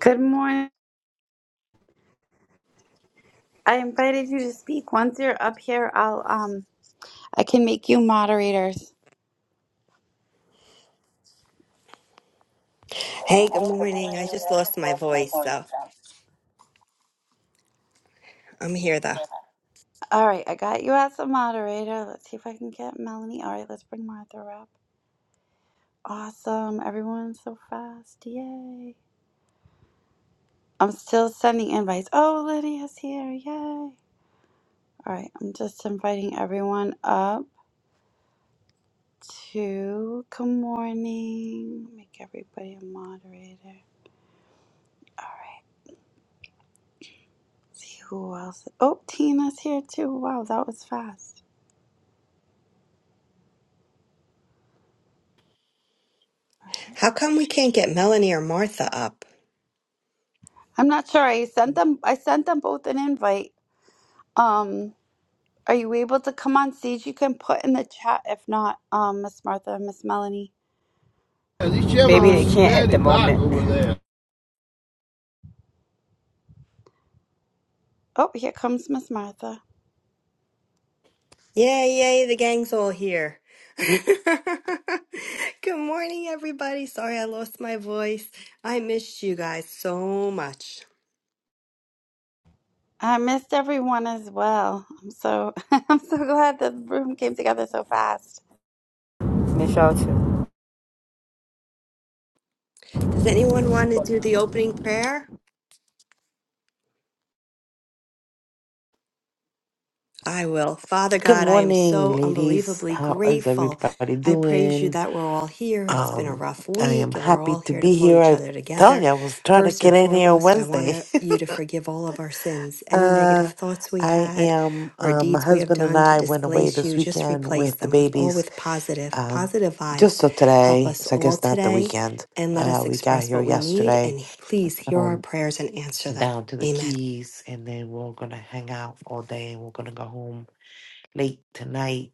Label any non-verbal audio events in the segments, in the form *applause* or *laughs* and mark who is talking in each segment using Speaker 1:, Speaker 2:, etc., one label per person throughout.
Speaker 1: Good morning. I invited you to speak. Once you're up here, I'll um I can make you moderators.
Speaker 2: Hey, good morning. I just lost my voice, so I'm here though.
Speaker 1: All right, I got you as a moderator. Let's see if I can get Melanie. All right, let's bring Martha up. Awesome. Everyone's so fast. Yay. I'm still sending invites. Oh, Lydia's here. Yay. All right, I'm just inviting everyone up to good morning. Make everybody a moderator. All right. See who else. Oh, Tina's here too. Wow, that was fast.
Speaker 2: How come we can't get Melanie or Martha up?
Speaker 1: I'm not sure. I sent them. I sent them both an invite. Um, are you able to come on stage? You can put in the chat. If not, um, Miss Martha and Miss Melanie.
Speaker 3: Maybe they
Speaker 1: Um,
Speaker 3: can't at the moment.
Speaker 1: oh, here comes Miss Martha.
Speaker 2: Yay, yay, the gang's all here. *laughs* good morning, everybody. Sorry I lost my voice. I missed you guys so much.
Speaker 1: I missed everyone as well. I'm so *laughs* I'm so glad the room came together so fast.
Speaker 3: Miss y'all too.
Speaker 2: Does anyone want to do the opening prayer? I will. Father
Speaker 4: Good
Speaker 2: God, I am
Speaker 4: morning,
Speaker 2: so
Speaker 4: ladies.
Speaker 2: unbelievably
Speaker 4: How is
Speaker 2: grateful.
Speaker 4: everybody
Speaker 2: I praise you
Speaker 4: doing?
Speaker 2: that we're all here. It's been a
Speaker 4: Um,
Speaker 2: rough
Speaker 4: I am
Speaker 2: week and we're
Speaker 4: happy
Speaker 2: all
Speaker 4: to
Speaker 2: here to
Speaker 4: be
Speaker 2: pull
Speaker 4: here.
Speaker 2: each
Speaker 4: I
Speaker 2: other
Speaker 4: tell
Speaker 2: together.
Speaker 4: you, I was trying to
Speaker 2: First
Speaker 4: get
Speaker 2: and
Speaker 4: in here on
Speaker 2: foremost, I want
Speaker 4: Wednesday. *laughs*
Speaker 2: to- you to forgive all of our sins, any negative
Speaker 4: Uh,
Speaker 2: thoughts we
Speaker 4: I
Speaker 2: had
Speaker 4: am.
Speaker 2: or
Speaker 4: Uh, my
Speaker 2: deeds we have
Speaker 4: husband and
Speaker 2: done to
Speaker 4: I went away
Speaker 2: displace
Speaker 4: this
Speaker 2: you. Just
Speaker 4: weekend
Speaker 2: replace
Speaker 4: with the
Speaker 2: them with all
Speaker 4: babies.
Speaker 2: with positive,
Speaker 4: Um,
Speaker 2: positive
Speaker 4: just
Speaker 2: vibes.
Speaker 4: so
Speaker 2: Help
Speaker 4: today,
Speaker 2: us
Speaker 4: so I
Speaker 2: all
Speaker 4: guess not the
Speaker 2: today
Speaker 4: weekend.
Speaker 2: and let
Speaker 4: Uh,
Speaker 2: us
Speaker 4: we got
Speaker 2: express
Speaker 4: here
Speaker 2: what we need.
Speaker 4: yesterday.
Speaker 2: And please hear our
Speaker 4: Um,
Speaker 2: prayers and answer them.
Speaker 4: down to the
Speaker 2: Amen.
Speaker 4: Keys, and then we're gonna hang out all day, and we're gonna go home late tonight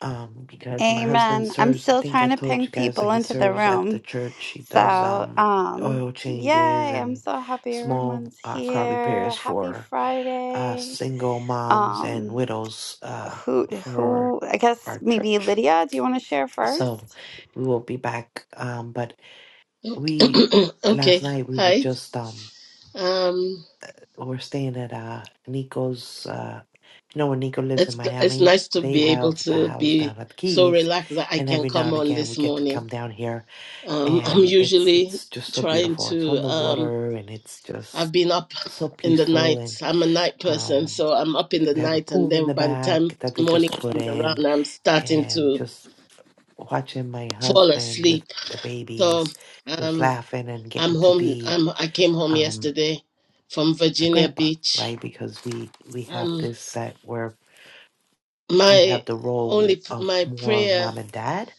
Speaker 4: um, because my husband
Speaker 1: Amen. I'm
Speaker 4: serves. I
Speaker 1: still
Speaker 4: think I
Speaker 1: trying to
Speaker 4: told
Speaker 1: ping
Speaker 4: you guys that
Speaker 1: people
Speaker 4: he
Speaker 1: into the
Speaker 4: serves at the
Speaker 1: room.
Speaker 4: church. He does
Speaker 1: So,
Speaker 4: um,
Speaker 1: um,
Speaker 4: oil changes
Speaker 1: yay! I'm
Speaker 4: and
Speaker 1: so happy
Speaker 4: small
Speaker 1: everyone's
Speaker 4: uh, car
Speaker 1: here.
Speaker 4: repairs
Speaker 1: Happy
Speaker 4: for uh,
Speaker 1: Friday.
Speaker 4: single moms and
Speaker 1: Um,
Speaker 4: widows uh,
Speaker 1: who
Speaker 4: for
Speaker 1: who I guess
Speaker 4: our
Speaker 1: maybe
Speaker 4: church.
Speaker 1: Lydia, do you want to share
Speaker 4: So
Speaker 1: first?
Speaker 4: we will be back. Um, but
Speaker 5: *coughs*
Speaker 4: we
Speaker 5: okay. *clears throat*
Speaker 4: last
Speaker 5: Okay.
Speaker 4: night we were
Speaker 5: Hi.
Speaker 4: just um
Speaker 5: Um,
Speaker 4: We're staying at uh, Nico's. Uh, you know, when Nico lives in
Speaker 5: it's it's
Speaker 4: Miami,
Speaker 5: nice to
Speaker 4: they
Speaker 5: be able
Speaker 4: have a
Speaker 5: to
Speaker 4: house down
Speaker 5: be
Speaker 4: at the
Speaker 5: so
Speaker 4: Keys,
Speaker 5: relaxed that I
Speaker 4: and
Speaker 5: can
Speaker 4: every now
Speaker 5: come
Speaker 4: and
Speaker 5: on
Speaker 4: again we
Speaker 5: this
Speaker 4: get to come
Speaker 5: morning.
Speaker 4: down here,
Speaker 5: Um, *laughs* I'm
Speaker 4: and it's
Speaker 5: usually
Speaker 4: it's just so
Speaker 5: trying
Speaker 4: beautiful. It's
Speaker 5: to.
Speaker 4: on the
Speaker 5: Um,
Speaker 4: water, and it's just
Speaker 5: I've been up
Speaker 4: so
Speaker 5: in the
Speaker 4: peaceful,
Speaker 5: night.
Speaker 4: and
Speaker 5: I'm a night person,
Speaker 4: um,
Speaker 5: so I'm up in the
Speaker 4: they have a
Speaker 5: night, and
Speaker 4: pool in
Speaker 5: then
Speaker 4: the
Speaker 5: by the time
Speaker 4: back that they
Speaker 5: morning
Speaker 4: just put
Speaker 5: comes
Speaker 4: in,
Speaker 5: around, I'm starting
Speaker 4: and
Speaker 5: to
Speaker 4: just watching my
Speaker 5: fall
Speaker 4: husband with
Speaker 5: asleep.
Speaker 4: the
Speaker 5: So
Speaker 4: babies, just
Speaker 5: um,
Speaker 4: laughing and
Speaker 5: I'm
Speaker 4: getting to
Speaker 5: home.
Speaker 4: be.
Speaker 5: I'm, I came home
Speaker 4: um.
Speaker 5: yesterday from
Speaker 4: my
Speaker 5: Virginia
Speaker 4: grandpa,
Speaker 5: Beach.
Speaker 4: right? Because we we have
Speaker 5: Um,
Speaker 4: this set where we
Speaker 5: my
Speaker 4: have the role
Speaker 5: only p-
Speaker 4: of
Speaker 5: my
Speaker 4: more
Speaker 5: prayer
Speaker 4: mom and dad.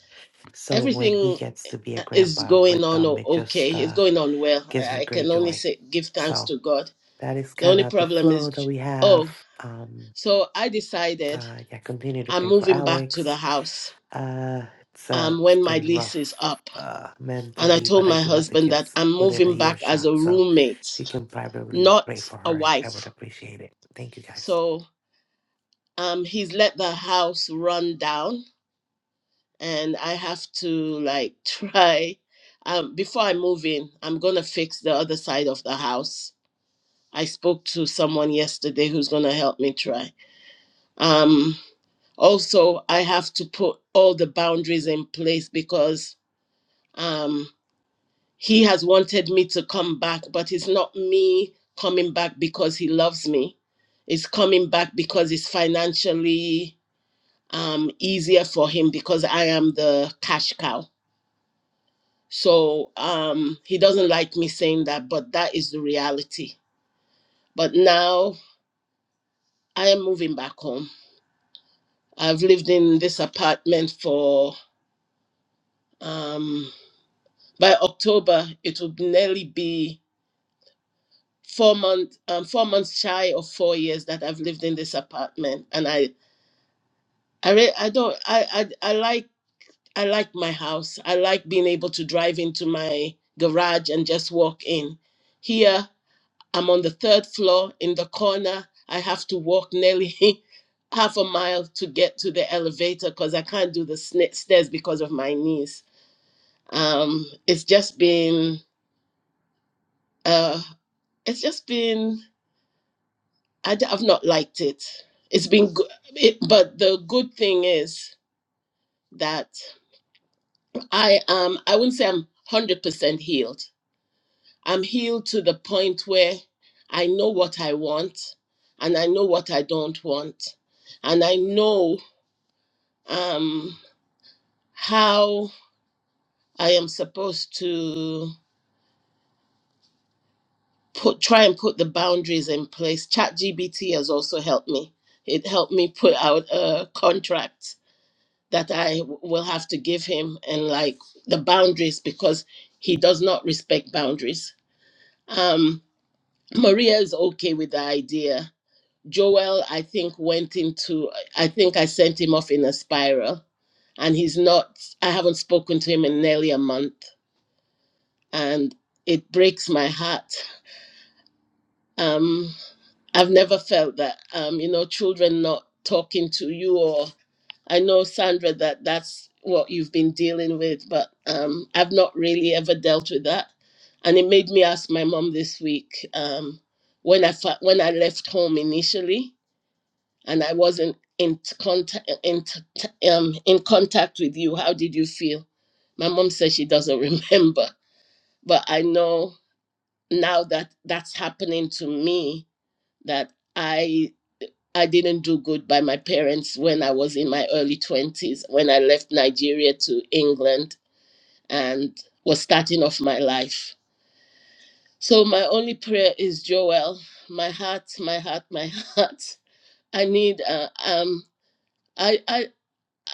Speaker 4: So when he
Speaker 5: everything
Speaker 4: gets to be a
Speaker 5: uh, is
Speaker 4: grandpa
Speaker 5: going
Speaker 4: with
Speaker 5: on
Speaker 4: them,
Speaker 5: o-
Speaker 4: it
Speaker 5: okay
Speaker 4: just
Speaker 5: it's
Speaker 4: uh,
Speaker 5: going on well
Speaker 4: gives
Speaker 5: i
Speaker 4: me
Speaker 5: I
Speaker 4: great
Speaker 5: can only
Speaker 4: joy.
Speaker 5: say give thanks
Speaker 4: So
Speaker 5: to god
Speaker 4: that is
Speaker 5: the
Speaker 4: kind
Speaker 5: only
Speaker 4: of the
Speaker 5: problem is
Speaker 4: flow that
Speaker 5: j-
Speaker 4: we have.
Speaker 5: oh
Speaker 4: Um,
Speaker 5: so i decided
Speaker 4: uh, yeah, continue to
Speaker 5: i'm
Speaker 4: pray for
Speaker 5: moving back to the
Speaker 4: Alex.
Speaker 5: house
Speaker 4: Uh, it's uh,
Speaker 5: um
Speaker 4: it's
Speaker 5: when my
Speaker 4: been
Speaker 5: lease is
Speaker 4: rough
Speaker 5: up
Speaker 4: uh,
Speaker 5: and i
Speaker 4: mentally,
Speaker 5: told
Speaker 4: but I
Speaker 5: my
Speaker 4: do have the
Speaker 5: husband that
Speaker 4: kids
Speaker 5: i'm
Speaker 4: within a
Speaker 5: moving
Speaker 4: year
Speaker 5: back as
Speaker 4: shot.
Speaker 5: a
Speaker 4: So
Speaker 5: roommate
Speaker 4: if you can privately pray
Speaker 5: not
Speaker 4: for
Speaker 5: a
Speaker 4: her, I, I would
Speaker 5: wife
Speaker 4: appreciate it. Thank you, guys.
Speaker 5: so um he's let the house run down and I have to like *laughs* try. Um, before I move in, I'm gonna fix the other side of the house. I spoke to someone yesterday who's gonna help me try. Um, also, I have to put all the boundaries in place because um, he has wanted me to come back, but it's not me coming back because he loves me. It's coming back because it's financially um, easier for him because I am the cash cow So um, he doesn't like me saying that, but that is the reality. But now I am moving back home. I've lived in this apartment for um, by October it will nearly be four months um, four months shy of four years that I've lived in this apartment, and I I re- I don't I, I I like I like my house. I like being able to drive into my garage and just walk in. Here I'm on the third floor in the corner. I have to walk nearly *laughs* half a mile to get to the elevator because I can't do the sna- stairs because of my knees. Um, it's just been, uh, it's just been, I, d- I've not liked it. It's been good, it, but the good thing is that I am, I wouldn't say I'm 100% healed. I'm healed to the point where I know what I want and I know what I don't want. And I know um, how I am supposed to put try and put the boundaries in place. ChatGPT has also helped me. It helped me put out a contract that I w- will have to give him and like the boundaries because he does not respect boundaries. Um, Maria is okay with the idea. Joel, I think, went into, I think I sent him off in a spiral and he's not, I haven't spoken to him in nearly a month and it breaks my heart. Um, I've never felt that, um, you know, children not talking to you, or I know, Sandra, that that's what you've been dealing with, but um, I've not really ever dealt with that. And it made me ask my mom this week um, when, I fa- when I left home initially and I wasn't in contact, in, t- um, in contact with you, how did you feel? My mom says she doesn't *laughs* remember, but I know now that that's happening to me that i i didn't do good by my parents when i was in my early 20s when i left nigeria to england and was starting off my life so my only prayer is joel my heart my heart my *laughs* heart i need uh, um i i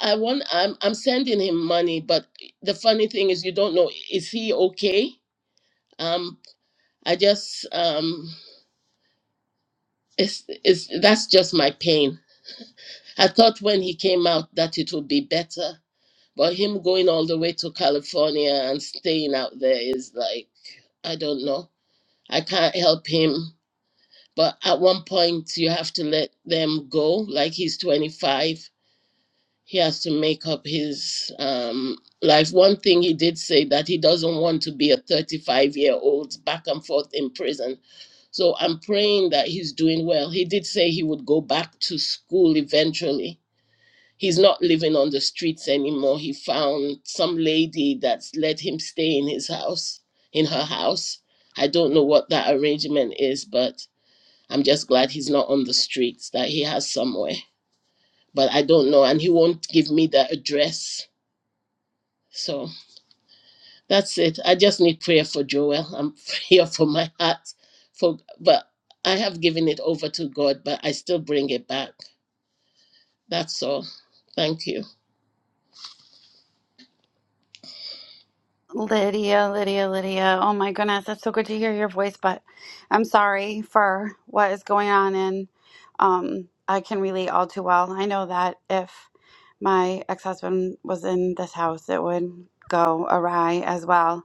Speaker 5: I want I'm I'm sending him money but the funny thing is you don't know is he okay um I just um it's it's that's just my pain I thought when he came out that it would be better, but him going all the way to California and staying out there is like, I don't know. I can't help him. But at one point, you have to let them go. Like he's 25, he has to make up his um, life. One thing he did say that he doesn't want to be a 35 year old back and forth in prison. So I'm praying that he's doing well. He did say he would go back to school eventually he's not living on the streets anymore. He found some lady that's let him stay in his house, in her house. I don't know what that arrangement is, but I'm just glad he's not on the streets, that he has somewhere. But I don't know, and he won't give me the address. So that's it. I just need prayer for Joel. I'm *laughs* here for my heart. For but I have given it over to God, but I still bring it back. That's all. Thank you.
Speaker 1: Lydia, Lydia, Lydia. Oh my goodness, it's so good to hear your voice, but I'm sorry for what is going on and um I can relate all too well. I know that if my ex-husband was in this house, it would go awry as well.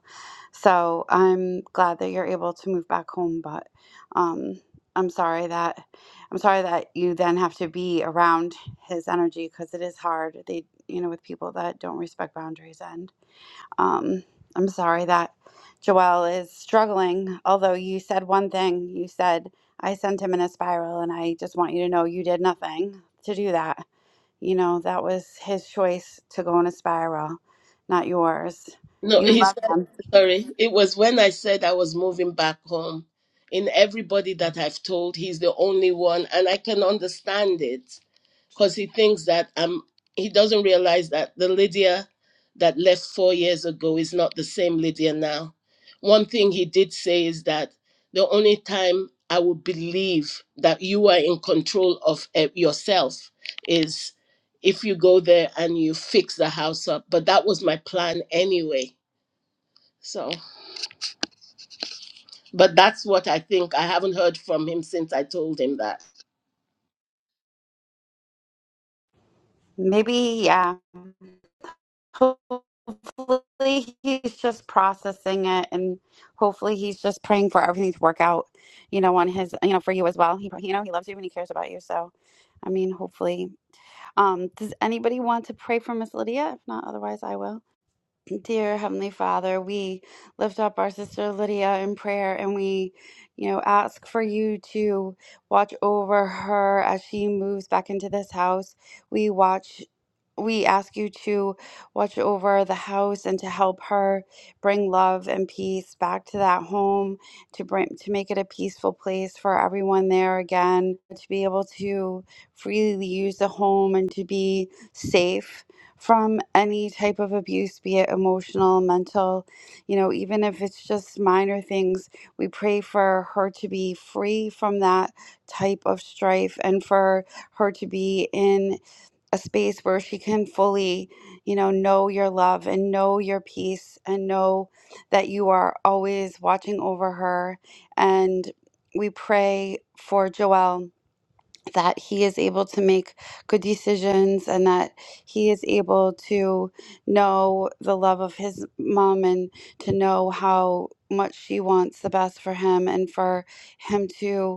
Speaker 1: So, I'm glad that you're able to move back home, but um I'm sorry that I'm sorry that you then have to be around his energy because it is hard. They, you know, with people that don't respect boundaries um, I'm sorry that Joelle is struggling, although you said one thing. You said, I sent him in a spiral, and I just want you to know you did nothing to do that. You know, that was his choice to go in a spiral, not yours.
Speaker 5: No,
Speaker 1: You
Speaker 5: he's
Speaker 1: love him.
Speaker 5: Sorry, it was when I said I was moving back home. In everybody that I've told, he's the only one, and I can understand it because he thinks that I'm. He doesn't realize that the Lydia that left four years ago is not the same Lydia now. One thing he did say is that the only time I would believe that you are in control of eh, yourself is if you go there and you fix the house up. But that was my plan anyway. So. But that's what I think. I haven't heard from him since I told him that.
Speaker 1: Maybe, yeah. Hopefully, he's just processing it, and hopefully, he's just praying for everything to work out. You know, on his, you know, for you as well. He, you know, he loves you and he cares about you. So, I mean, hopefully. Um, does anybody want to pray for Miss Lydia? If not, otherwise, I will. Dear Heavenly Father, we lift up our sister Lydia in prayer, and we, you know, ask for you to watch over her as she moves back into this house. We watch we ask you to watch over the house and to help her bring love and peace back to that home to bring to make it a peaceful place for everyone there again to be able to freely use the home and to be safe from any type of abuse be it emotional mental you know even if it's just minor things we pray for her to be free from that type of strife and for her to be in a space where she can fully, you know, know your love and know your peace and know that you are always watching over her. And we pray for Joel that he is able to make good decisions and that he is able to know the love of his mom and to know how much she wants the best for him and for him to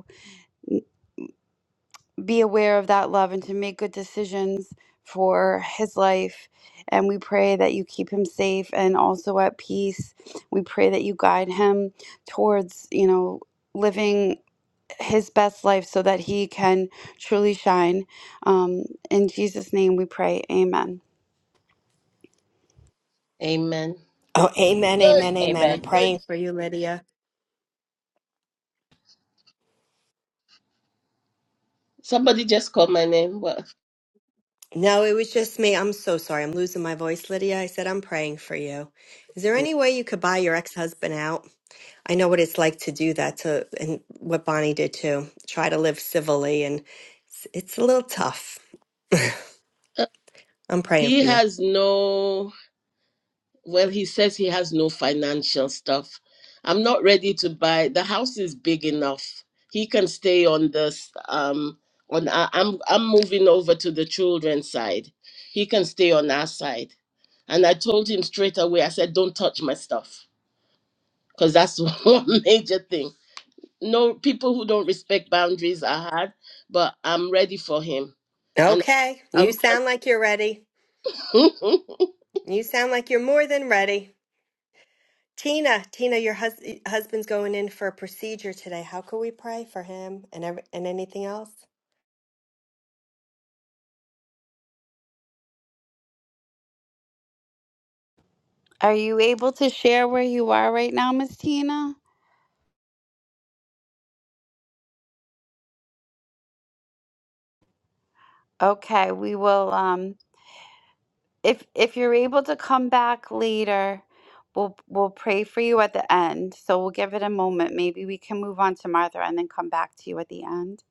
Speaker 1: be aware of that love and to make good decisions for his life. And we pray that you keep him safe and also at peace. We pray that you guide him towards, you know, living his best life so that he can truly shine. Um, in Jesus' name we pray. Amen.
Speaker 5: Amen.
Speaker 2: Oh, amen, amen, amen. We're
Speaker 3: Amen.
Speaker 2: praying for you, Lydia.
Speaker 5: Somebody just called my name. Well,
Speaker 2: No, it was just me. I'm so sorry. I'm losing my voice, Lydia. I said, I'm praying for you. Is there any way you could buy your ex-husband out? I know what it's like to do that to, and what Bonnie did too. Try to live civilly, and it's, it's a little tough.
Speaker 5: uh,
Speaker 2: I'm praying
Speaker 5: he
Speaker 2: for you.
Speaker 5: has no, well, he says he has no financial stuff. I'm not ready to buy. The house is big enough. He can stay on this. Um, on our, I'm I'm moving over to the children's side. He can stay on our side. And I told him straight away. I said, "Don't touch my stuff," because that's *laughs* one major thing no people who don't respect boundaries are hard, but I'm ready for him. And
Speaker 2: Okay. You
Speaker 5: I'm,
Speaker 2: sound like you're ready.
Speaker 5: I'm
Speaker 2: You sound like you're more than ready. Tina, Tina, your hus husband's going in for a procedure today. How can we pray for him and every, and anything else?
Speaker 1: Are you able to share where you are right now, Miss Tina? Okay, we will. Um, if if you're able to come back later we'll we'll pray for you at the end so we'll give it a moment maybe we can move on to martha and then come back to you at the end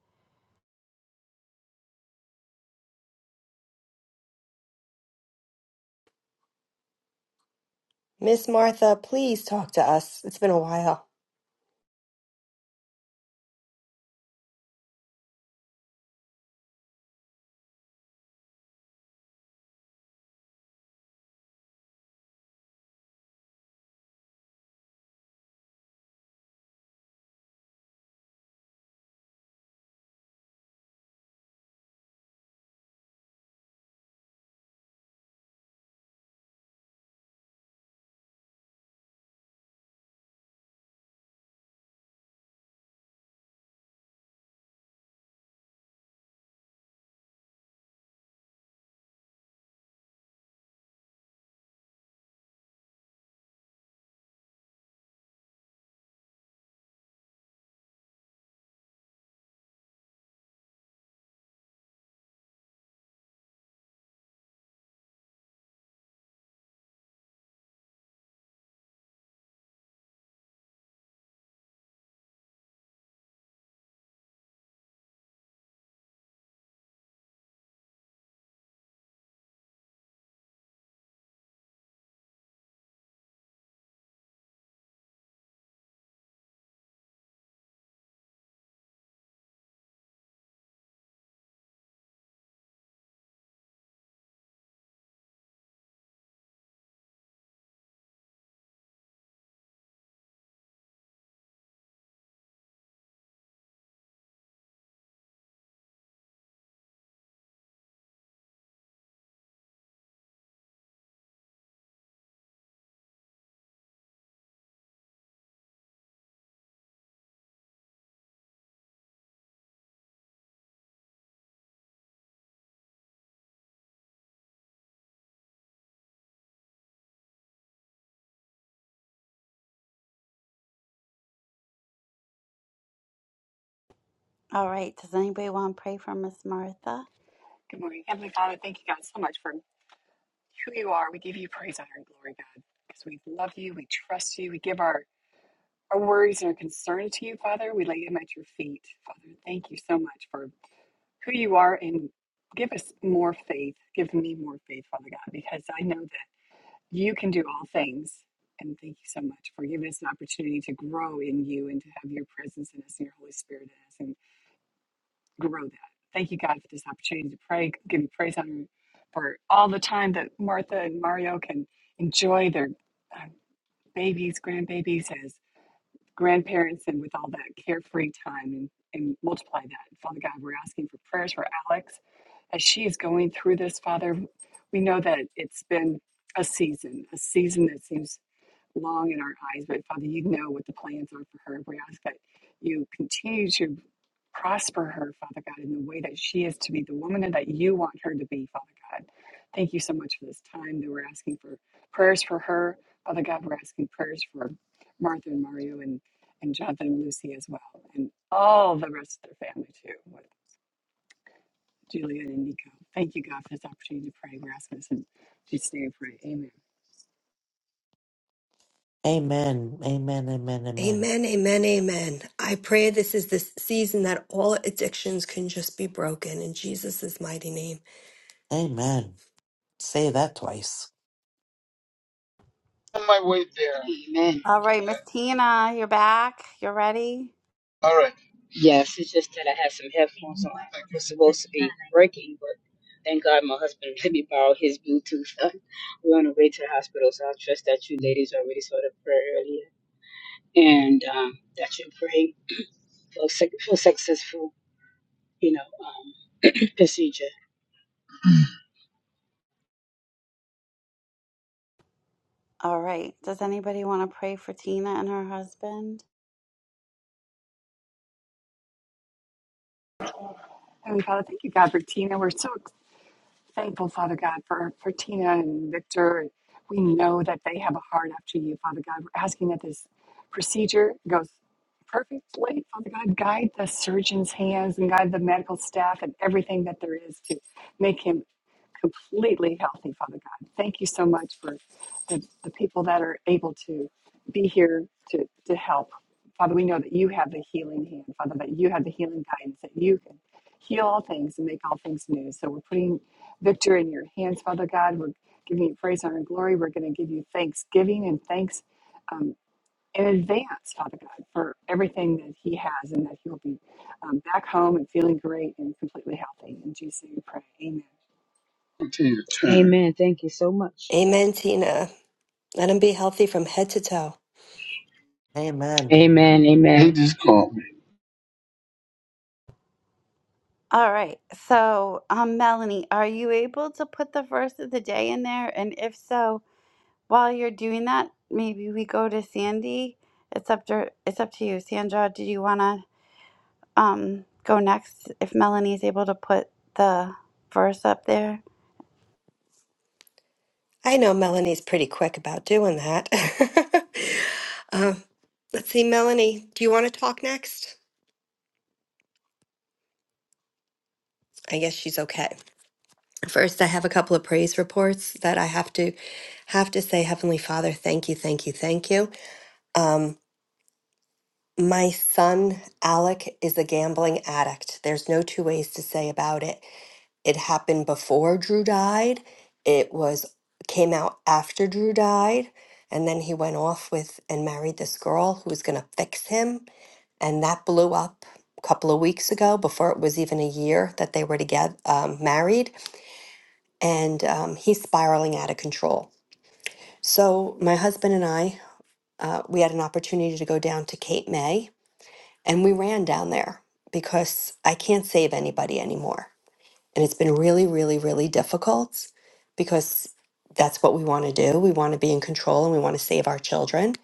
Speaker 2: Miss Martha, please talk to us. It's been a while.
Speaker 1: all right does anybody want to pray for miss martha
Speaker 4: Amen. Amen. Amen. Amen.
Speaker 2: Amen, amen, amen. I pray this is the season that all addictions can just be broken in Jesus' mighty name.
Speaker 4: Amen. Say that twice.
Speaker 3: Amen.
Speaker 1: all right miss tina you're back you're ready
Speaker 3: All right. Yes, it's just that I had some headphones on. I was supposed to be breaking, but thank God my husband *laughs* let me borrow his Bluetooth. *laughs* We're on the way to the hospital, so I trust that you ladies already saw the prayer earlier and um, that you're praying for, suc- for successful, you know, um, *clears throat* procedure.
Speaker 1: all right does anybody want to pray for tina and her husband
Speaker 3: Continue to try. Amen. Thank you so much.
Speaker 2: Amen, Tina. Let them be healthy from head to toe.
Speaker 4: Amen.
Speaker 3: Amen. Amen. He just called me.
Speaker 1: all right so um melanie are you able to put the verse of the day in there and if so While you're doing that, maybe we go to Sandy. It's up to it's up to you, Sandra. Did you wanna um go next if Melanie's able to put the verse up there?
Speaker 2: I know Melanie's pretty quick about doing that. *laughs* uh, let's see, Melanie, do you want to talk next? I guess she's okay. First, I have a couple of praise reports that I have to have to say, Heavenly Father, thank you, thank you, thank you. Um, My son, Alec, is a gambling addict. There's no two ways to say about it. It happened before Drew died. It was came out after Drew died, and then he went off with and married this girl who was going to fix him, and that blew up a couple of weeks ago before it was even a year that they were to get um, married, and um, he's spiraling out of control. So my husband and I, uh, we had an opportunity to go down to Cape May And we ran down there because I can't save anybody anymore. And it's been really, really, really difficult because that's what we want to do. We want to be in control and we want to save our children.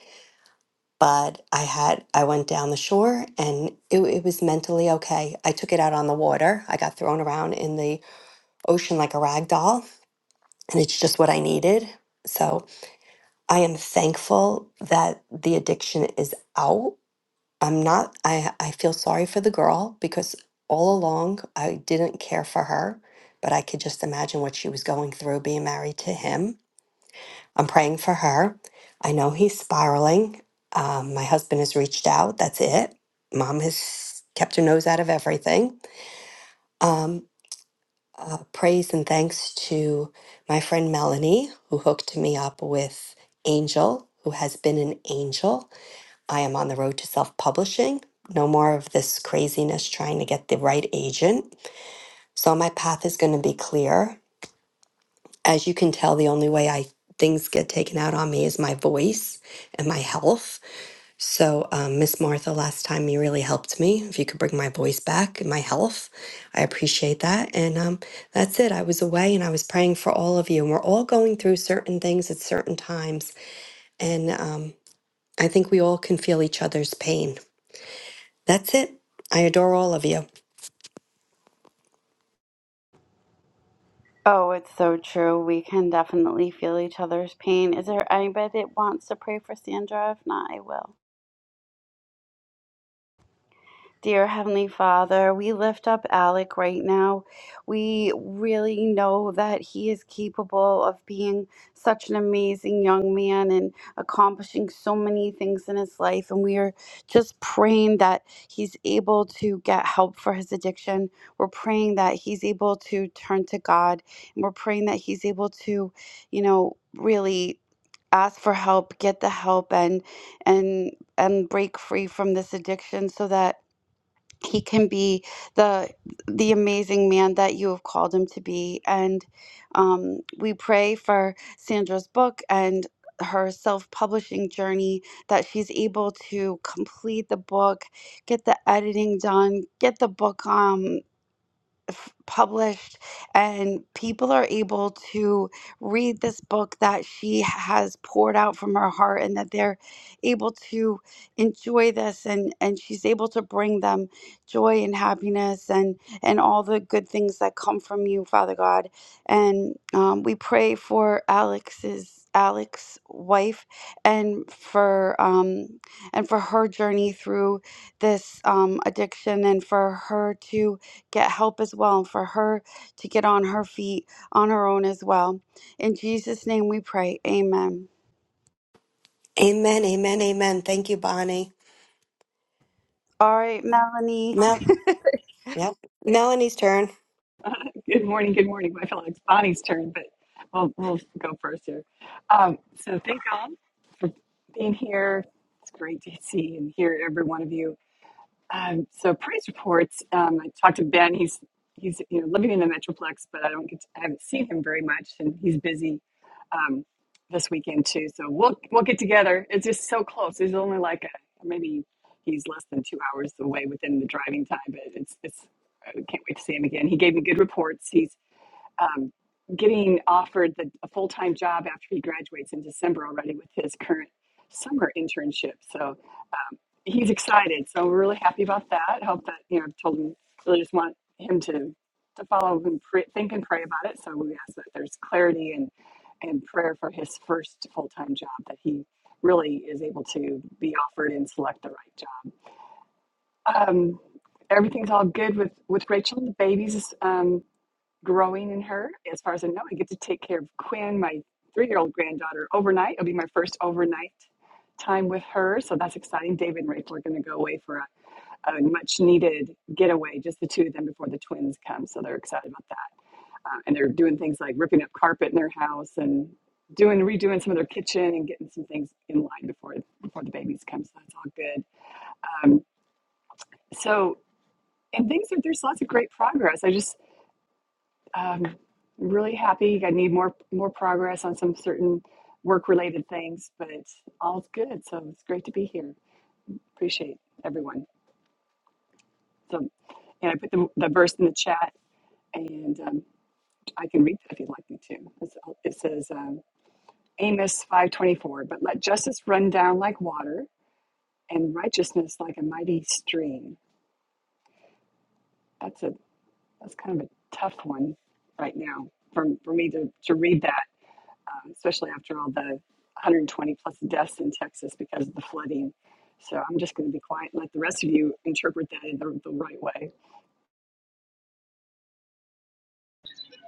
Speaker 2: But I had, I went down the shore and it, it was mentally okay. I took it out on the water. I got thrown around in the ocean like a rag doll, and it's just what I needed. So I am thankful that the addiction is out I'm not I I feel sorry for the girl because all along I didn't care for her, but I could just imagine what she was going through being married to him. I'm praying for her. I know he's spiraling. Um, my husband has reached out. That's it. Mom has kept her nose out of everything. Um, uh, praise and thanks to my friend Melanie, who hooked me up with Angel, who has been an angel I am on the road to self publishing. No more of this craziness trying to get the right agent. So my path is going to be clear. As you can tell, the only way I things get taken out on me is my voice and my health. So um, Miss Martha, last time you really helped me. If you could bring my voice back and my health, I appreciate that. And um, that's it. I was away and I was praying for all of you. And we're all going through certain things at certain times. And um, I think we all can feel each other's pain That's it. I adore all of you.
Speaker 1: Oh, it's so true. We can definitely feel each other's pain. Is there anybody that wants to pray for Sandra? If not, I will. Dear Heavenly Father, we lift up Alec right now. We really know that he is capable of being such an amazing young man and accomplishing so many things in his life. And we are just praying that he's able to get help for his addiction. We're praying that he's able to turn to God. And we're praying that he's able to, you know, really ask for help, get the help and and and break free from this addiction so that he can be the the amazing man that you have called him to be and um, we pray for sandra's book and her self-publishing journey that she's able to complete the book get the editing done get the book um f- published and people are able to read this book that she has poured out from her heart and that they're able to enjoy this and and she's able to bring them joy and happiness and and all the good things that come from you father god and um, we pray for alex's Alex's wife and for um and for her journey through this um addiction and for her to get help as well and for her to get on her feet on her own as well. In Jesus' name we pray. Amen.
Speaker 2: Amen, amen, amen. Thank you, Bonnie.
Speaker 1: All right, Melanie. *laughs*
Speaker 2: Mel, yep. Melanie's turn.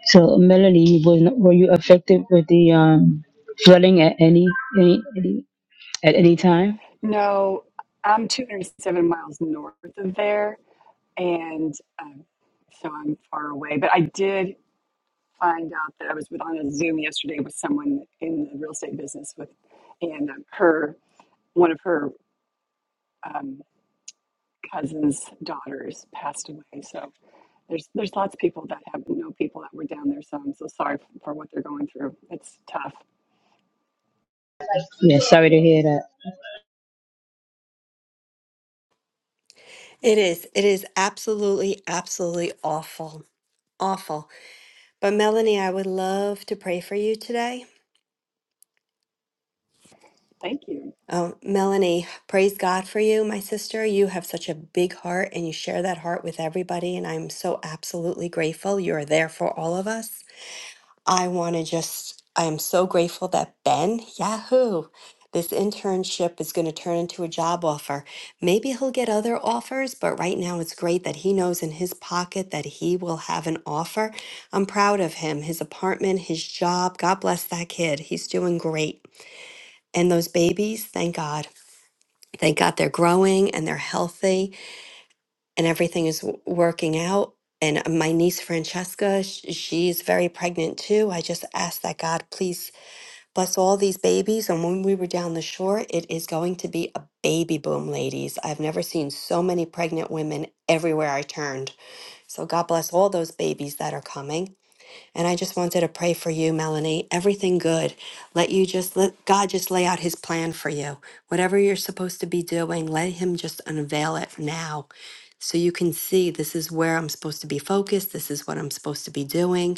Speaker 3: So Melanie, was were you affected with the um, flooding at any any, any at any time? Yeah, sorry to hear that.
Speaker 2: It is. It is absolutely, absolutely awful. Awful. But Melanie, I would love to pray for you today. Oh, Melanie, praise God for you, my sister. You have such a big heart and you share that heart with everybody. And I'm so absolutely grateful. You are there for all of us. I want to just, I am so grateful that Ben, Yahoo, this internship is going to turn into a job offer. Maybe he'll get other offers, but right now it's great that he knows in his pocket that he will have an offer. I'm proud of him, his apartment, his job. God bless that kid. He's doing great. And those babies, thank God. Thank God they're growing and they're healthy and everything is w- working out. And my niece Francesca, sh- she's very pregnant too. I just ask that God please plus all these babies. And when we were down the shore, it is going to be a baby boom, ladies. I've never seen so many pregnant women everywhere I turned. So God bless all those babies that are coming. And I just wanted to pray for you, Melanie. Everything good. Let you just let God just lay out his plan for you. Whatever you're supposed to be doing, let him just unveil it now so you can see this is where I'm supposed to be focused. This is what I'm supposed to be doing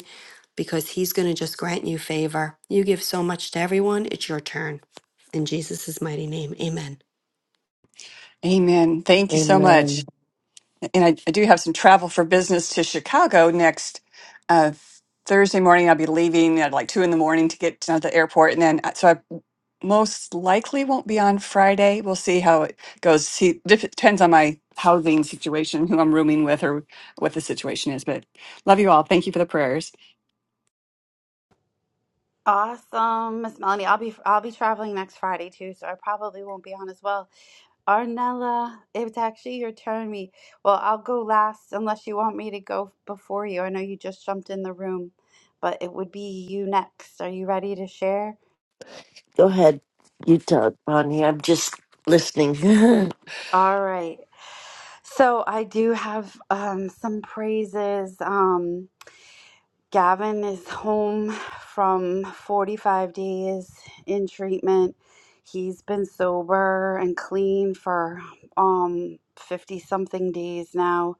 Speaker 2: because he's going to just grant you favor. You give so much to everyone, it's your turn. In Jesus' mighty name, amen.
Speaker 6: Amen. Thank you so much.
Speaker 7: Amen.
Speaker 6: And I, I do have some travel for business to Chicago next uh, Thursday morning. I'll be leaving at like two in the morning to get to the airport, and then uh, so I most likely won't be on Friday. Goes see dep- depends on my what the situation is, but love you all. Thank you for the prayers.
Speaker 1: Awesome. Miss Melanie, I'll be I'll be traveling next Friday too, so I probably won't be on as well. Arnella, it's actually your turn. Me, well, I'll go last unless you want me to go before you. I know you just jumped in the room, but it would be you next. Are you ready to share?
Speaker 7: Go ahead, you talk, Bonnie. I'm just listening. *laughs*
Speaker 1: All right. So I do have um, some praises. Um, Gavin is home from 45 days in treatment. He's been sober and clean for um 50 something days now.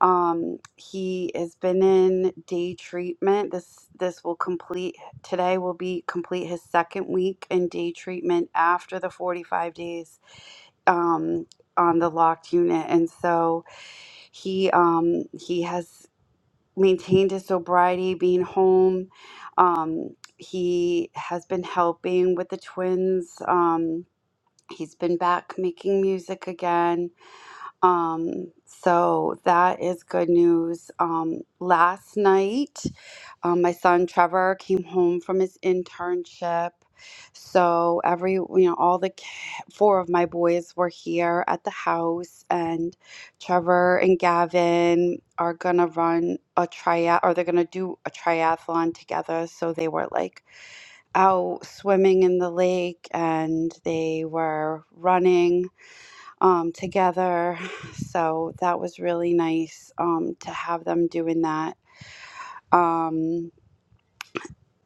Speaker 1: Um, he has been in day treatment. This this will complete today will be complete his second week in day treatment after the 45 days um, on the locked unit, and so he um, he has maintained his sobriety, being home. Um, he has been helping with the twins. Um, he's been back making music again um, so that is good news. Um, last night, um, my son Trevor came home from his internship. So every, you know, all the ki- four of my boys were here at the house, and Trevor and Gavin are gonna run a triath, or they're gonna do a triathlon together. So they were like out swimming in the lake, and they were running um, together. *sighs* So that was really nice um, to have them doing that. Um,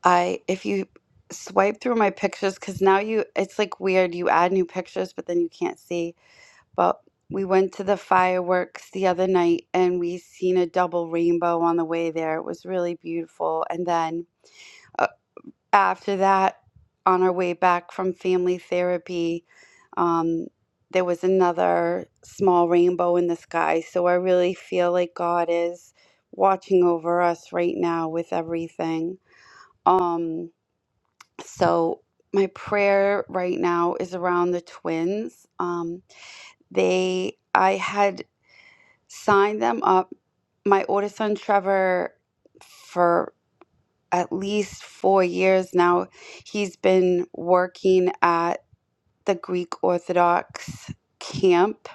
Speaker 1: I if you swipe through my pictures because now you it's like weird you add new pictures but then you can't see. But we went to the fireworks the other night and we seen a double rainbow on the way there. It was really beautiful. And then uh, after that, on our way back from family therapy, um, there was another small rainbow in the sky. So I really feel like God is watching over us right now with everything. Um, so my prayer right now is around the twins. Um, they, I had signed them up. My older son Trevor, for at least four years now. He's been working at the Greek Orthodox camp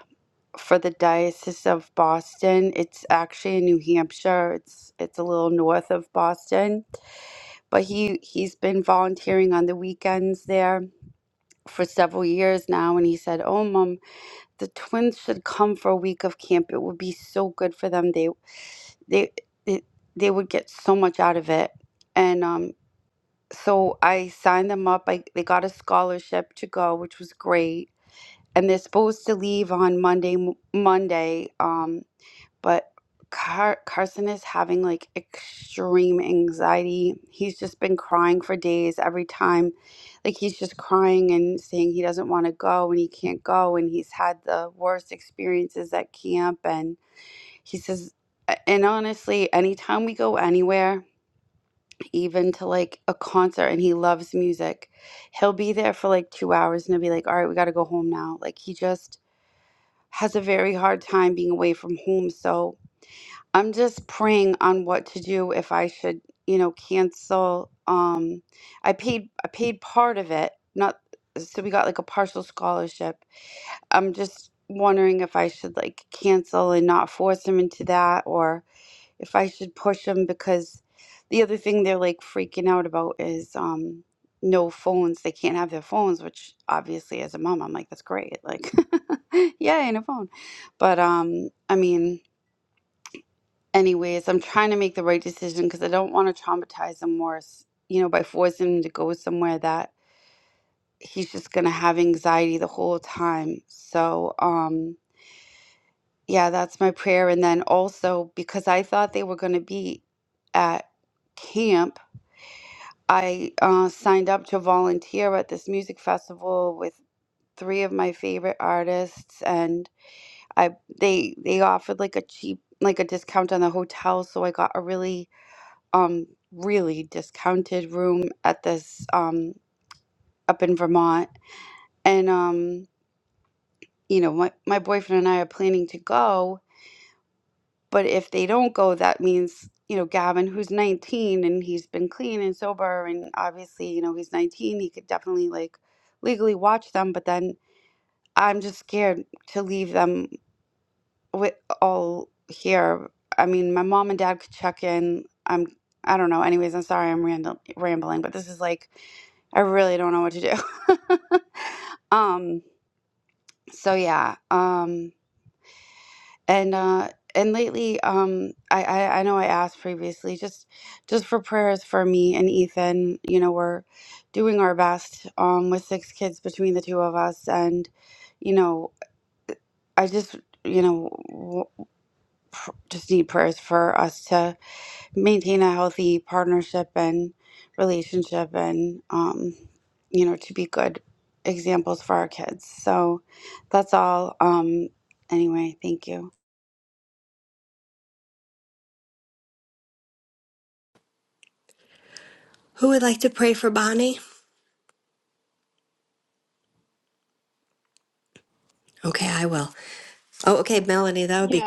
Speaker 1: for the Diocese of Boston. It's actually in New Hampshire. It's it's a little north of Boston, but he he's been volunteering on the weekends there for several years now and he said, "Oh, mom, the twins should come for a week of camp. It would be so good for them. They they they they would get so much out of it." And um so I signed them up. I they got a scholarship to go, which was great. And they're supposed to leave on Monday. m- Monday, um, but Car- Carson is having like extreme anxiety. He's just been crying for days every time. Like he's just crying and saying he doesn't want to go and he can't go. And he's had the worst experiences at camp. And he says, a- and honestly, anytime we go anywhere even to like a concert and he loves music. He'll be there for like two hours and he'll be like, all right, we got to go home now. Like he just has a very hard time being away from home. So I'm just praying on what to do if I should, you know, cancel. Um, I paid, I paid part of it, not, so we got like a partial scholarship. I'm just wondering if I should like cancel and not force him into that or if I should push them because the other thing they're like freaking out about is um no phones. They can't have their phones, which obviously as a mom I'm like that's great. Like *laughs* yeah, and a phone. But um I mean anyways, I'm trying to make the right decision because I don't want to traumatize him worse, you know, by forcing him to go somewhere that he's just going to have anxiety the whole time. So um yeah, that's my prayer and then also because I thought they were going to be at camp I uh, signed up to volunteer at this music festival with three of my favorite artists, and I they they offered like a cheap like a discount on the hotel, so I got a really um really discounted room at this um up in Vermont, and um you know my my boyfriend and I are planning to go, But if they don't go, that means, you know, Gavin, who's 19 and he's been clean and sober, and obviously, you know, he's 19, he could definitely like legally watch them. But then I'm just scared to leave them with all here. I mean, my mom and dad could check in. I'm, I don't know. Anyways, I'm sorry I'm random, rambling, but this is like, I really don't know what to do. *laughs* um, so yeah, um, and uh and lately um I, I i know i asked previously just just for prayers for me and ethan you know we're doing our best um with six kids between the two of us and you know i just you know w- pr- just need prayers for us to maintain a healthy partnership and relationship and um you know to be good examples for our kids so that's all um anyway thank you
Speaker 2: Who would like to pray for Bonnie? Okay, I will. Oh, okay, Melanie, that would be.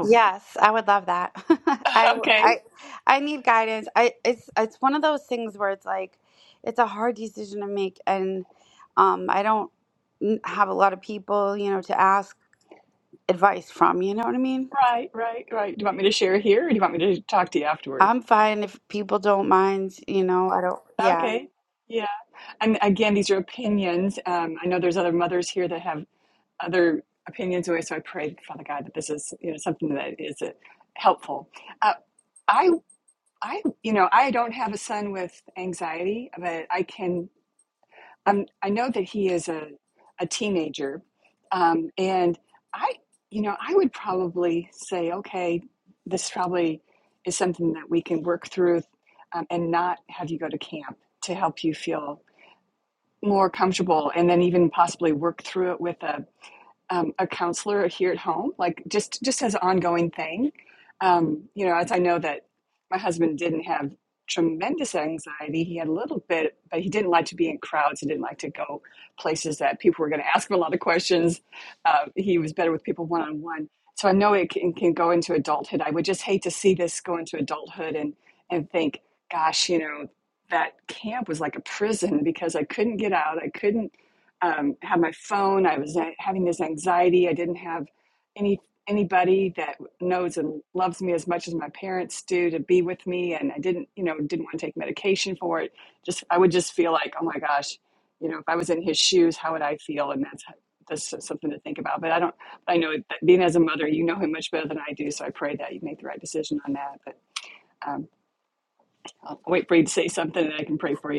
Speaker 1: Yes, I would love that. *laughs* I I I need guidance. I it's it's one of those things where it's like it's a hard decision to make and um I don't n- have a lot of people, you know, to ask advice from, you know what I mean? I'm fine if people don't mind, you know, I don't yeah.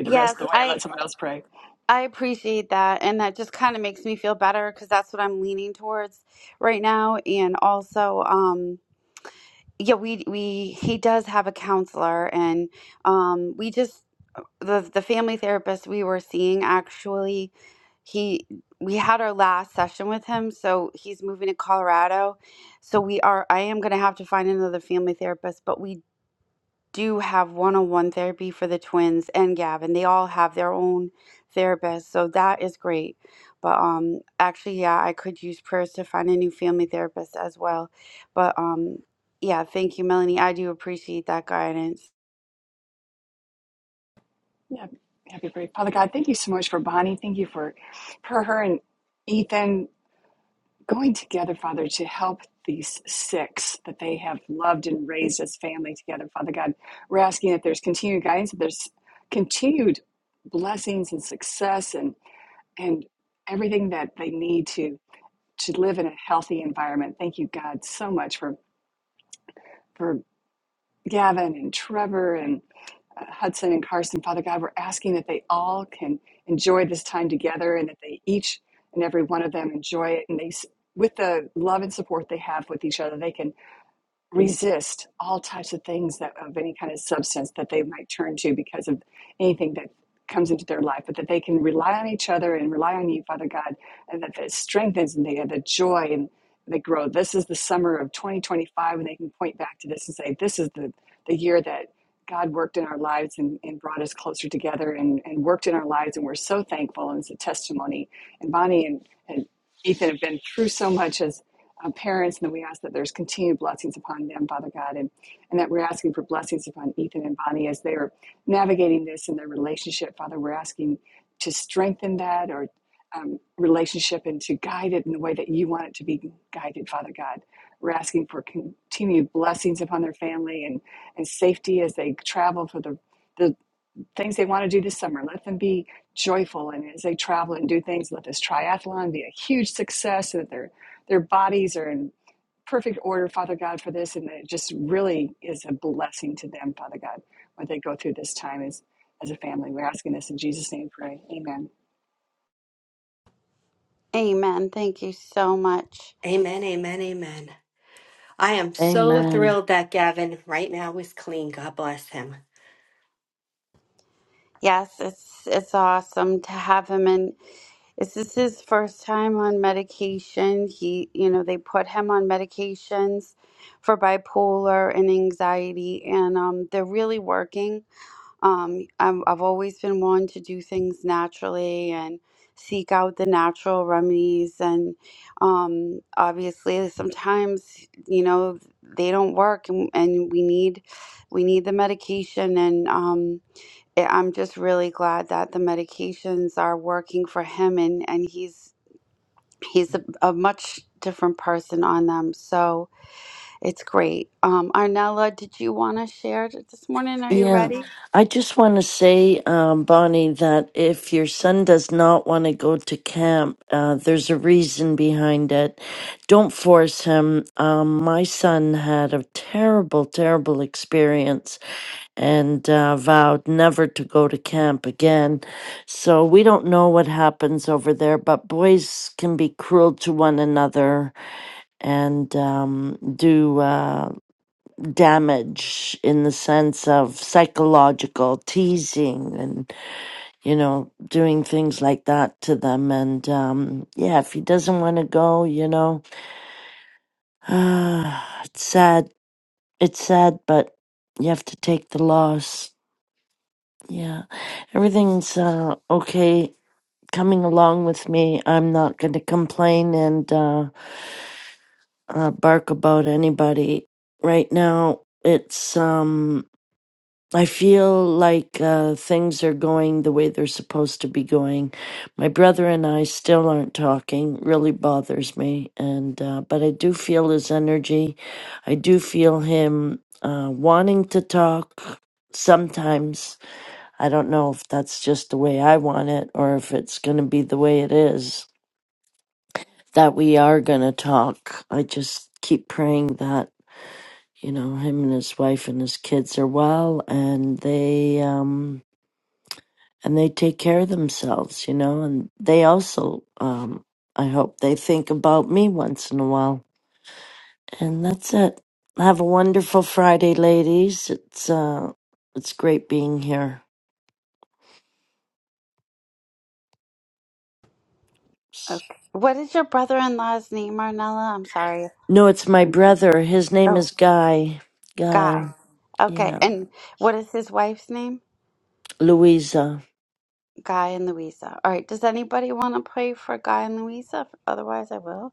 Speaker 1: Yes, I I appreciate that and that just kind of makes me feel better because that's what I'm leaning towards right now and also um yeah we we he does have a counselor and um we just the the family therapist we were seeing actually he we had our last session with him so he's moving to Colorado so we are I am going to have to find another family therapist but we do have one-on-one therapy for the twins and Gavin. They all have their own therapist, so that is great. But um actually yeah, I could use prayers to find a new family therapist as well. But um yeah, thank you Melanie. I do appreciate that guidance. Amen. Thank you so much.
Speaker 2: Amen, amen, amen. I am so
Speaker 7: Amen.
Speaker 2: thrilled that Gavin right now is clean. God bless him.
Speaker 1: Yes, it's it's awesome to have him in This is his first time on medication. He, you know, they put him on medications for bipolar and anxiety, and um, they're really working. Um, I'm, I've always been one to do things naturally and seek out the natural remedies. And um, obviously, sometimes, you know, they don't work, and, and we need we need the medication. And um, I- I'm just really glad that the medications are working for him and and he's he's a, a much different person on them. So it's great. Um, Arnella, did you want to share t- this morning? Are you
Speaker 7: Yeah,
Speaker 1: ready?
Speaker 7: I just want to say, um, Bonnie, that if your son does not want to go to camp, uh, there's a reason behind it. Don't force him. Um, my son had a terrible, terrible experience and uh, vowed never to go to camp again. So we don't know what happens over there, but boys can be cruel to one another and um, do uh, damage in the sense of psychological teasing and you know doing things like that to them and um, yeah if he doesn't want to go you know *sighs* it's sad it's sad but you have to take the loss yeah everything's uh, okay coming along with me i'm not going to complain and uh, uh, bark about anybody right now it's um I feel like uh, things are going the way they're supposed to be going. My brother and I still aren't talking. Really bothers me, and uh, but I do feel his energy. I do feel him uh, wanting to talk. Sometimes I don't know if that's just the way I want it, or if it's going to be the way it is that we are going to talk. I just keep praying that you know him and his wife and his kids are well, and they um and they take care of themselves, you know, and they also, um, I hope they think about me once in a while. And that's it. Have a wonderful Friday, ladies. It's, uh, it's great being here.
Speaker 1: Yeah. Okay. What is your brother-in-law's name, Arnella? I'm sorry.
Speaker 7: No, it's my
Speaker 1: I'm,
Speaker 7: brother. His name
Speaker 1: oh,
Speaker 7: is Guy. Guy.
Speaker 1: Guy. Okay.
Speaker 7: Yeah.
Speaker 1: And what is his wife's name?
Speaker 7: Louisa.
Speaker 1: Guy and Louisa. All right. Does anybody want to pray for Guy and Louisa? Otherwise, I will.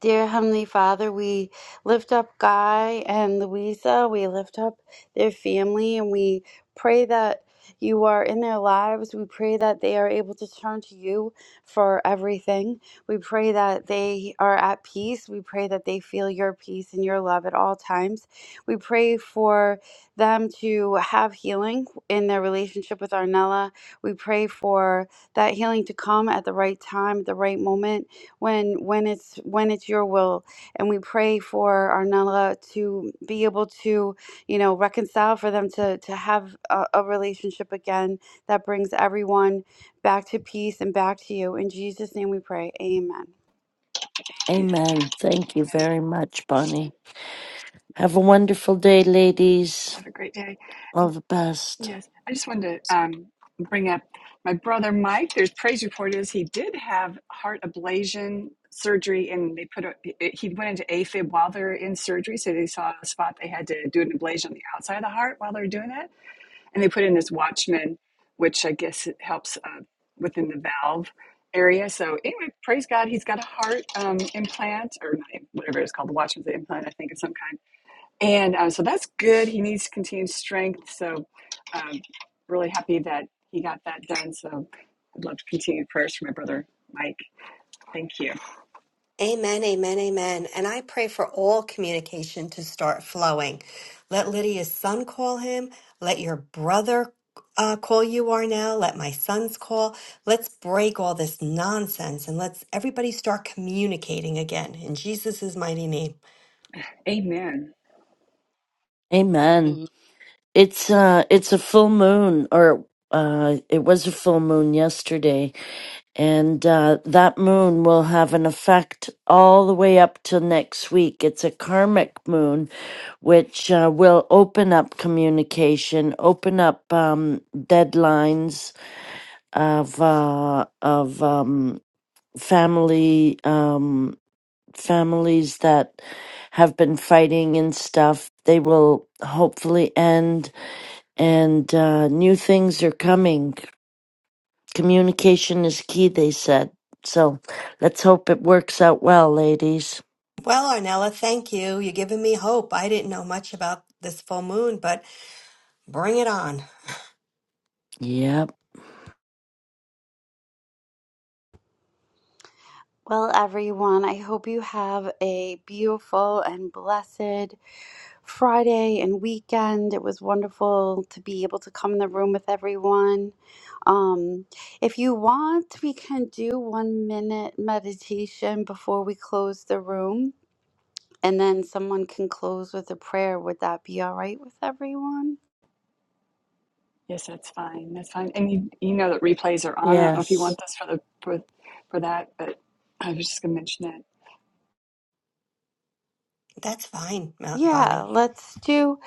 Speaker 1: Dear Heavenly Father, we lift up Guy and Louisa. We lift up their family and we pray that you are in their lives. We pray that they are able to turn to you for everything. We pray that they are at peace. We pray that they feel your peace and your love at all times. We pray for them to have healing in their relationship with Arnella. We pray for that healing to come at the right time, at the right moment when when it's when it's your will and we pray for Arnella to be able to you know reconcile for them to to have a, a relationship again that brings everyone back to peace and back to you in Jesus name we pray amen
Speaker 7: Amen. Thank you very much, Bonnie. Have a wonderful day, ladies. All the best.
Speaker 2: Amen, amen, amen. And I pray for all communication to start flowing. Let Lydia's son call him. Let your brother uh, call you are now. Let my sons call. Let's break all this nonsense and let's everybody start communicating again in Jesus' mighty name.
Speaker 5: *laughs*
Speaker 7: Amen.
Speaker 5: amen.
Speaker 7: It's uh it's a full moon or uh it was a full moon yesterday and uh that moon will have an effect all the way up till next week. It's a karmic moon which uh, will open up communication, open up um deadlines of uh of um family um families that have been fighting and stuff. They will hopefully end and uh, new things are coming. Communication is key, they said. So let's hope it works out well, ladies.
Speaker 2: Well, Arnella, thank you. You're giving me hope. I didn't know much about this full moon, but bring it on.
Speaker 7: Yep.
Speaker 1: well everyone i hope you have a beautiful and blessed Friday and weekend. It was wonderful to be able to come in the room with everyone. Um, if you want, we can do one minute meditation before we close the room, and then someone can close with a prayer. Would that be all right with everyone?
Speaker 7: Yes.
Speaker 2: That's fine, Mount
Speaker 1: Yeah,
Speaker 2: Bonnie.
Speaker 1: let's do.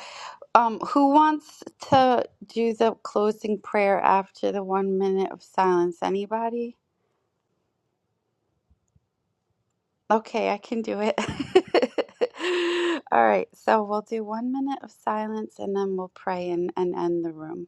Speaker 1: Um, who wants to do the closing prayer after the one minute of silence? Anybody? Okay, I can do it. *laughs* All right, so we'll do one minute of silence and then we'll pray and, and end the room.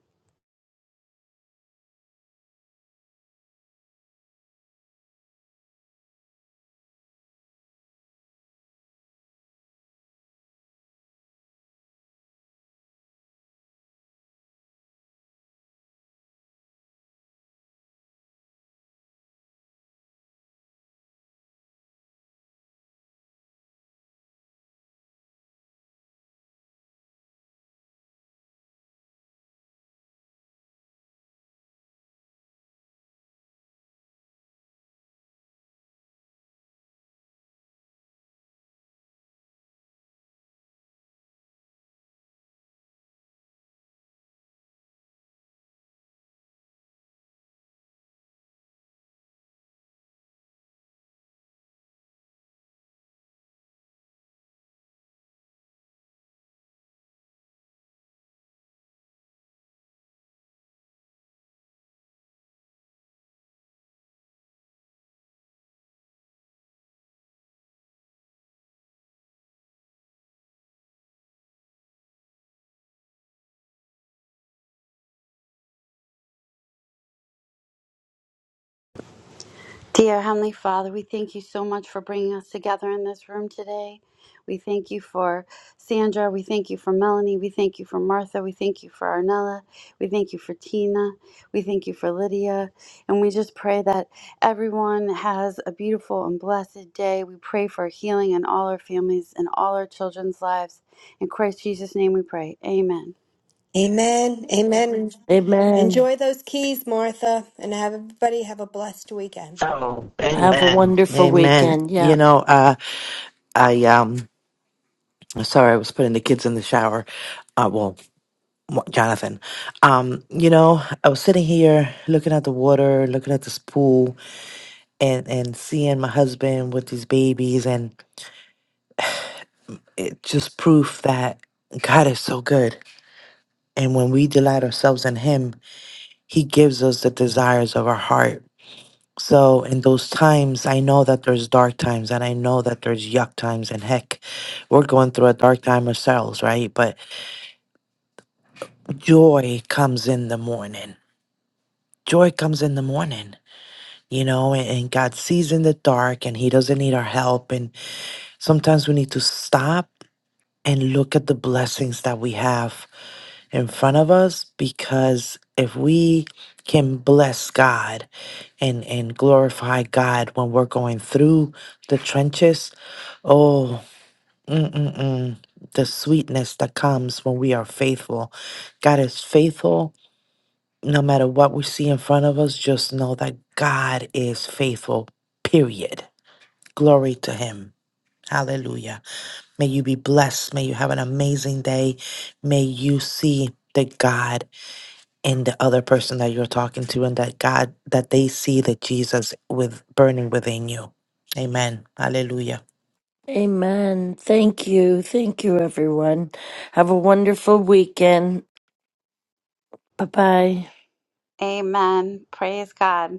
Speaker 1: Dear Heavenly Father, we thank you so much for bringing us together in this room today. We thank you for Sandra. We thank you for Melanie. We thank you for Martha. We thank you for Arnella. We thank you for Tina. We thank you for Lydia. And we just pray that everyone has a beautiful and blessed day. We pray for healing in all our families and all our children's lives. In Christ Jesus' name we pray. Amen.
Speaker 2: Amen. Amen.
Speaker 7: Amen.
Speaker 2: Enjoy those keys, Martha, and have everybody have a blessed weekend.
Speaker 4: Oh,
Speaker 7: Have a
Speaker 4: amen.
Speaker 7: wonderful
Speaker 4: Amen.
Speaker 7: weekend.
Speaker 4: You
Speaker 7: Yeah.
Speaker 4: know, uh, I um, sorry, I was putting the kids in the shower. Uh, well, Mo- Jonathan. Um, you know, I was sitting here looking at the water, looking at this pool, and and seeing my husband with these babies, and it just proof that God is so good. And when we delight ourselves in Him, He gives us the desires of our heart So in those times, I know that there's dark times and I know that there's yuck times and heck, we're going through a dark time ourselves, right? But joy comes in the morning. Joy comes in the morning, you know, and, and God sees in the dark and he doesn't need our help. And sometimes we need to stop and look at the blessings that we have in front of us because if we can bless God and and glorify God when we're going through the trenches. Oh, mm-mm-mm. the sweetness that comes when we are faithful. God is faithful no matter what we see in front of us. Just know that God is faithful. Period. Glory to Him. Hallelujah. May you be blessed. May you have an amazing day. May you see the God and the other person that you're talking to and that God that they see the Jesus with burning within you. Amen. Hallelujah.
Speaker 7: Amen. Thank you. Thank you, everyone. Have a wonderful weekend. Bye bye.
Speaker 1: Amen. Praise God.